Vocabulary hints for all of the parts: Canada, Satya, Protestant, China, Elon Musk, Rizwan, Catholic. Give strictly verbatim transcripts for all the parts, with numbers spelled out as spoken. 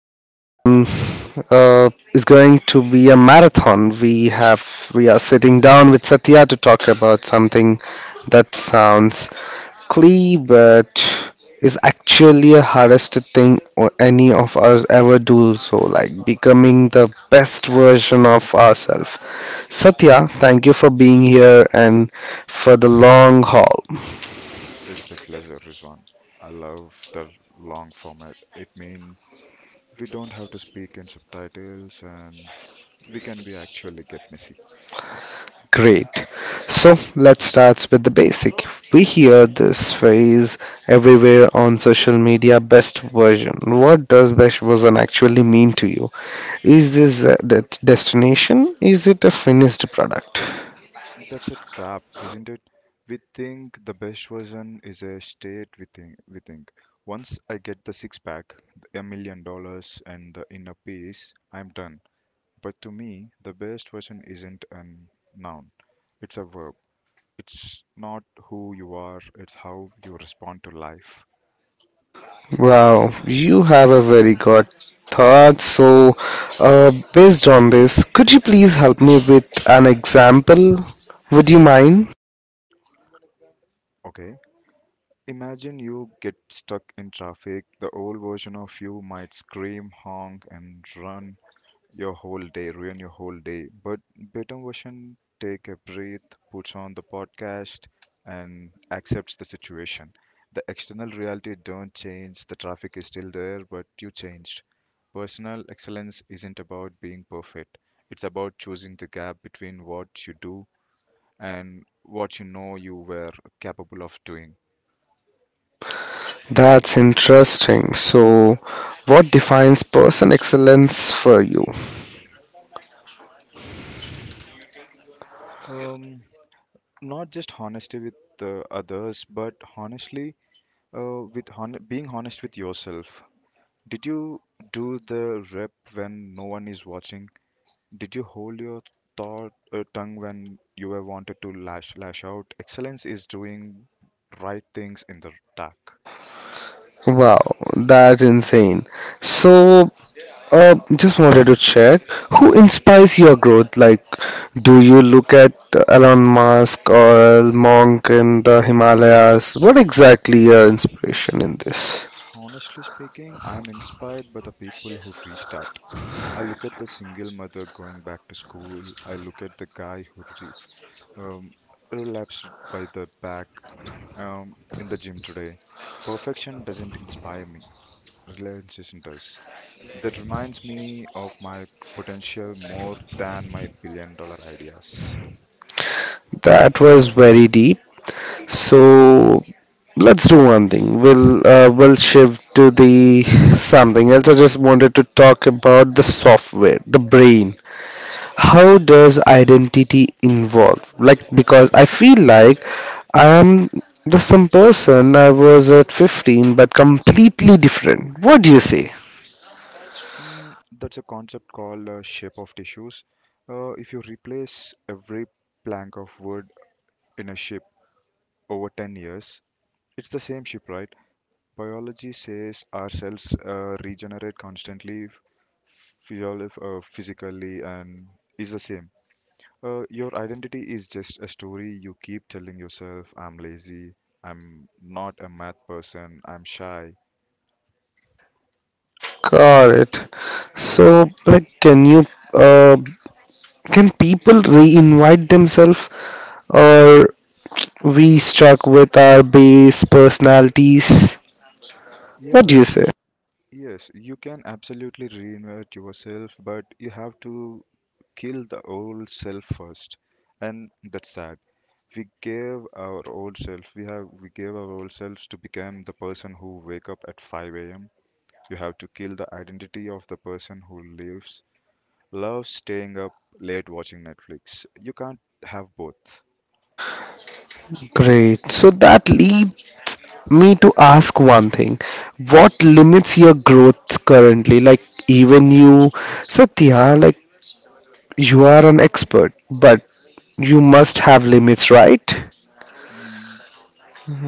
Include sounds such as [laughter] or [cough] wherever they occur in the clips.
Today I'm uh, is going to be a marathon. We have we are sitting down with Satya to talk about something that sounds clee, but is actually the hardest thing or any of us ever do. So, like becoming the best version of ourselves. Satya, thank you for being here and for the long haul. It's a pleasure, Rizwan. I love the long format. It means we don't have to speak in subtitles and we can be actually get messy. Great. So let's start with the basic. We hear this phrase everywhere on social media best version. What does best version actually mean to you? Is this a det- destination? Is it a finished product? That's a trap, isn't it? We think the best version is a state we think we think. Once I get the six pack, a million dollars and the inner peace, I'm done. But to me, the best version isn't a noun. It's a verb. It's not who you are, it's how you respond to life. Wow, you have a very good thought. So, uh, based on this, could you please help me with an example? Would you mind? Okay, imagine you get stuck in traffic. The old version of you might scream, honk, and run your whole day, ruin your whole day. But better version take a breath, puts on the podcast, and accepts the situation. The external reality don't change. The traffic is still there, but you changed. Personal excellence isn't about being perfect. It's about choosing the gap between what you do and what you know you were capable of doing. That's interesting. So, what defines person excellence for you? Um, Not just honesty with uh, others, but honestly, uh, with hon- being honest with yourself. Did you do the rep when no one is watching? Did you hold your thought uh, tongue when you were wanted to lash lash out? Excellence is doing right things in the dark. Wow, that's insane. So, uh, just wanted to check who inspires your growth? Like, do you look at Elon Musk or Monk in the Himalayas? What exactly your inspiration in this? Honestly speaking, I'm inspired by the people who restart. I look at the single mother going back to school. I look at the guy who re- um, relapsed by the back um, in the gym today. Perfection doesn't inspire me, relentlessness does. That reminds me of my potential more than my billion dollar ideas. That was very deep. So let's do one thing. We'll uh, we'll shift to the something else. I just wanted to talk about the software, the brain. How does identity involve? Like, because I feel like I am the same person I was at fifteen, but completely different. What do you say? Mm, that's a concept called uh, shape of tissues. Uh, if you replace every plank of wood in a ship over ten years, it's the same ship, right? Biology says our cells uh, regenerate constantly, physiol- uh, physically, and is the same. Uh, your identity is just a story you keep telling yourself. I'm lazy. I'm not a math person. I'm shy. Got it. So, like, can you, uh, can people re-invite themselves, or we stuck with our base personalities? What Yeah, do you say? yes, you can absolutely reinvent yourself, but you have to kill the old self first. And that's sad. We gave our old self, we have, we gave our old selves to become the person who wake up at five a m. You have to kill the identity of the person who lives love staying up late watching Netflix. You can't have both. Great. So that leads me to ask one thing. What limits your growth currently? Like even you, Satya, like you are an expert, but you must have limits, right? Mm,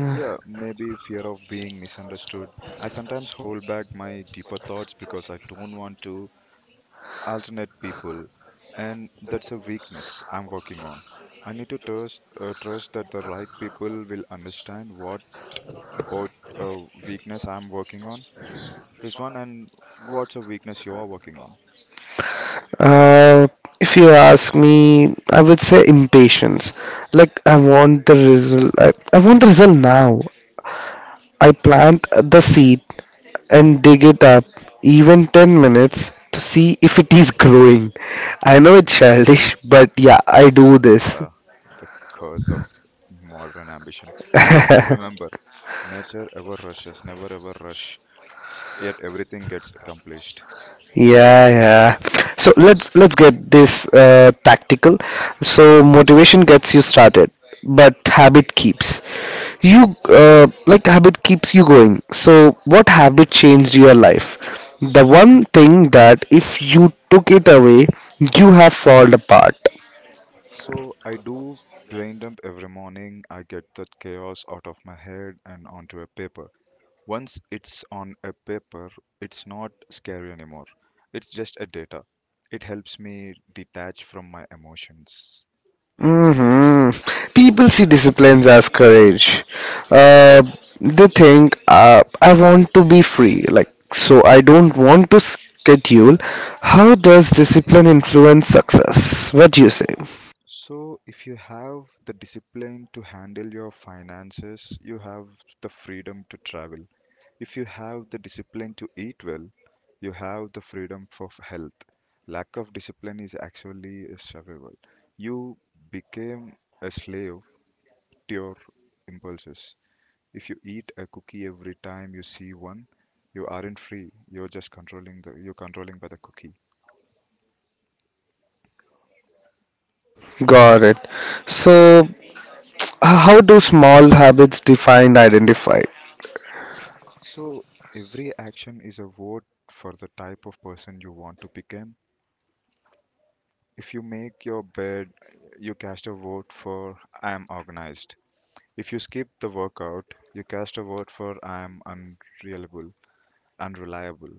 Yeah, maybe fear of being misunderstood. I sometimes hold back my deeper thoughts because I don't want to alternate people, and that's a weakness I'm working on. I need to trust uh, trust that the right people will understand what about a weakness I'm working on. This one? And what's a weakness you are working on? Uh, if you ask me, I would say impatience. Like I want the result. I, I want the result now. I plant the seed and dig it up, even ten minutes, to see if it is growing. I know it's childish, but yeah, I do this. uh, the curse of modern ambition. But [laughs] remember, nature ever rushes, never ever rush, yet everything gets accomplished. Yeah, yeah. So let's let's get this uh, practical. So motivation gets you started, but habit keeps you uh, like habit keeps you going. So what habit changed your life? The So, one thing that if you took it away, you have fallen apart. so I do brain dump every morning. I get that chaos out of my head and onto a paper. Once it's on a paper, it's not scary anymore. It's just a data. It helps me detach from my emotions. Hmm People see disciplines as courage. Uh, they think, uh, I want to be free, like, so I don't want to schedule. How does discipline influence success? What do you say? So, if you have the discipline to handle your finances, you have the freedom to travel. If you have the discipline to eat well, you have the freedom for f- health. Lack of discipline is actually a survival. You became a slave to your impulses. If you eat a cookie every time you see one, you aren't free. You're just controlling the you're controlling by the cookie. Got it. So, h- how do small habits define identify? So every action is a vote for the type of person you want to become. If you make your bed, you cast a vote for I am organized. If you skip the workout, you cast a vote for I am unreliable, unreliable.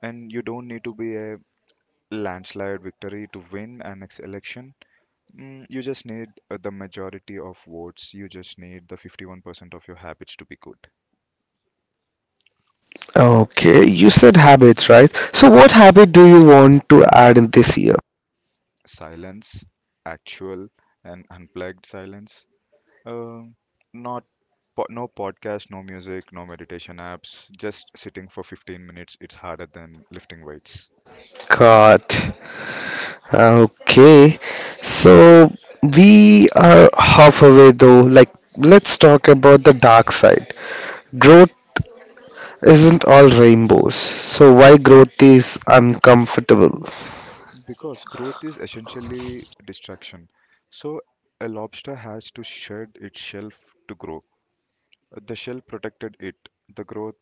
And you don't need to be a landslide victory to win an ex- election. Mm, you just need uh, the majority of votes. You just need the fifty-one percent of your habits to be good. Okay, you said habits, right? So, what habit do you want to add in this year? Silence, actual and unplugged silence. Um, Not po no podcast, no music, no meditation apps. Just sitting for fifteen minutes, it's harder than lifting weights. God. Okay, so we are halfway though. Like, let's talk about the dark side. Growth isn't all rainbows. So, why growth is uncomfortable? Because growth is essentially distraction. So a lobster has to shed its shell f- to grow. The shell protected it. The growth,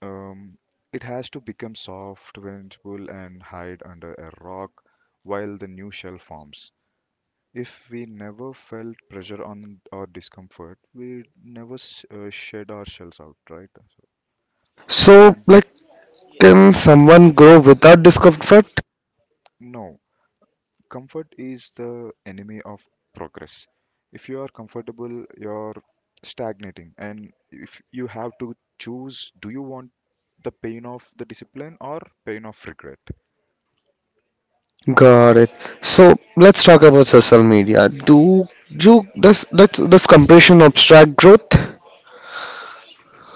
um, it has to become soft, vengeful, and hide under a rock while the new shell forms. If we never felt pressure on our discomfort, we never sh- uh, shed our shells out, right? So, And like, can someone grow without discomfort? no, comfort is the enemy of progress. If you are comfortable, you're stagnating. And if you have to choose, do you want the pain of the discipline or pain of regret? Got it. So let's talk about social media. Do you does does, does compression obstruct growth?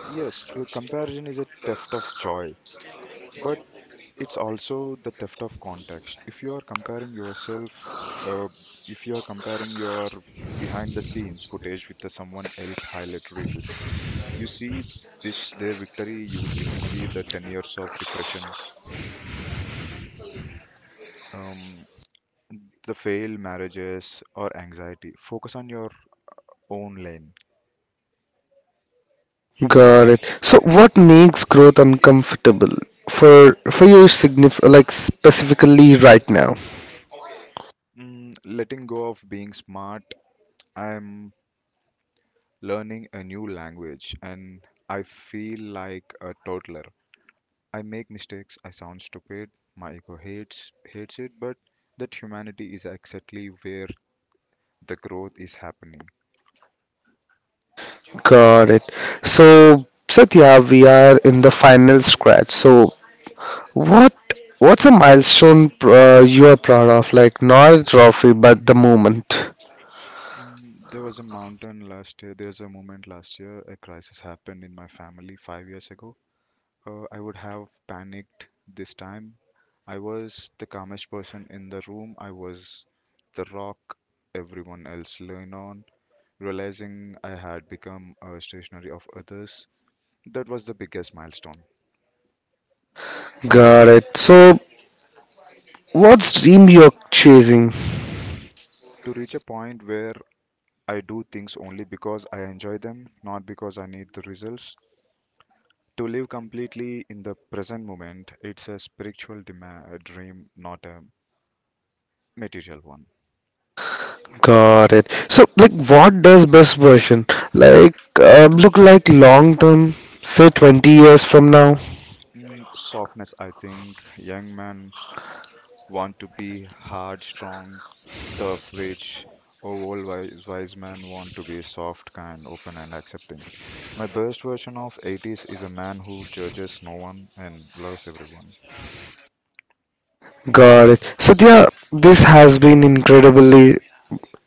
Yes, uh, comparison is a theft of joy. But it's also the theft of context. If you are comparing yourself, uh, if you are comparing your behind the scenes footage with the someone else highlight reels, you see this their victory. You didn't see the ten years of depression, um, the failed marriages or anxiety. Focus on your own lane. Got it. So, what makes growth uncomfortable for for you, signif like specifically right now? Mm, letting go of being smart. I'm learning a new language, and I feel like a toddler. I make mistakes, I sound stupid, my ego hates hates it, but that humanity is exactly where the growth is happening. Got it. So, Satya, we are in the final scratch. So, what what's a milestone uh, you are proud of? Like not a trophy, but the moment. Mm, There was a mountain last year. There's a moment last year. A crisis happened in my family five years ago. Uh, I would have panicked this time. I was the calmest person in the room. I was the rock everyone else leaned on. Realizing I had become a stationary of others, that was the biggest milestone. Got it. So, what's dream you're chasing? To reach a point where I do things only because I enjoy them, not because I need the results. To live completely in the present moment, it's a spiritual dema- a dream, not a material one. Got it. So, like, what does best version like uh, look like long term? Say twenty years from now. Mm, Softness, I think. Young men want to be hard, strong, tough, rich. Oh, old wise, wise men want to be soft, kind, open, and accepting. My best version of eighties is a man who judges no one and loves everyone. Got it. Satya, this has been incredibly.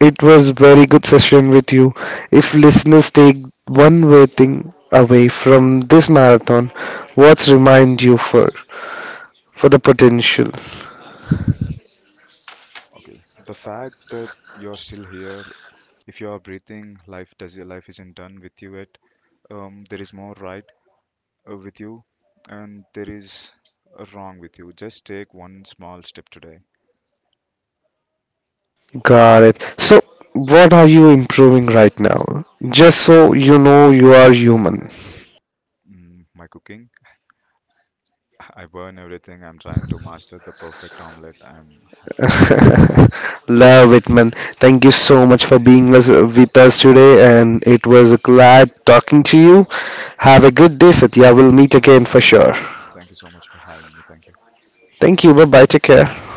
It was very good session with you. If listeners take one way thing away from this marathon, what's remind you for for the potential? Okay. The fact that you're still here, if you are breathing, life does life isn't done with you yet. Um, there is more right uh, with you, and there is a wrong with you. Just take one small step today. Got it. So, what are you improving right now? Just so you know, you are human. Mm, my cooking, [laughs] I burn everything. I'm trying to master the perfect omelette. I'm handling. Yes. [laughs] Love it, man. Thank you so much for being us, with us today, and it was glad talking to you. Have a good day, Satya. We'll meet again for sure. Yeah. Thank you so much for having me. Thank you. Thank you. Bye bye. Take care.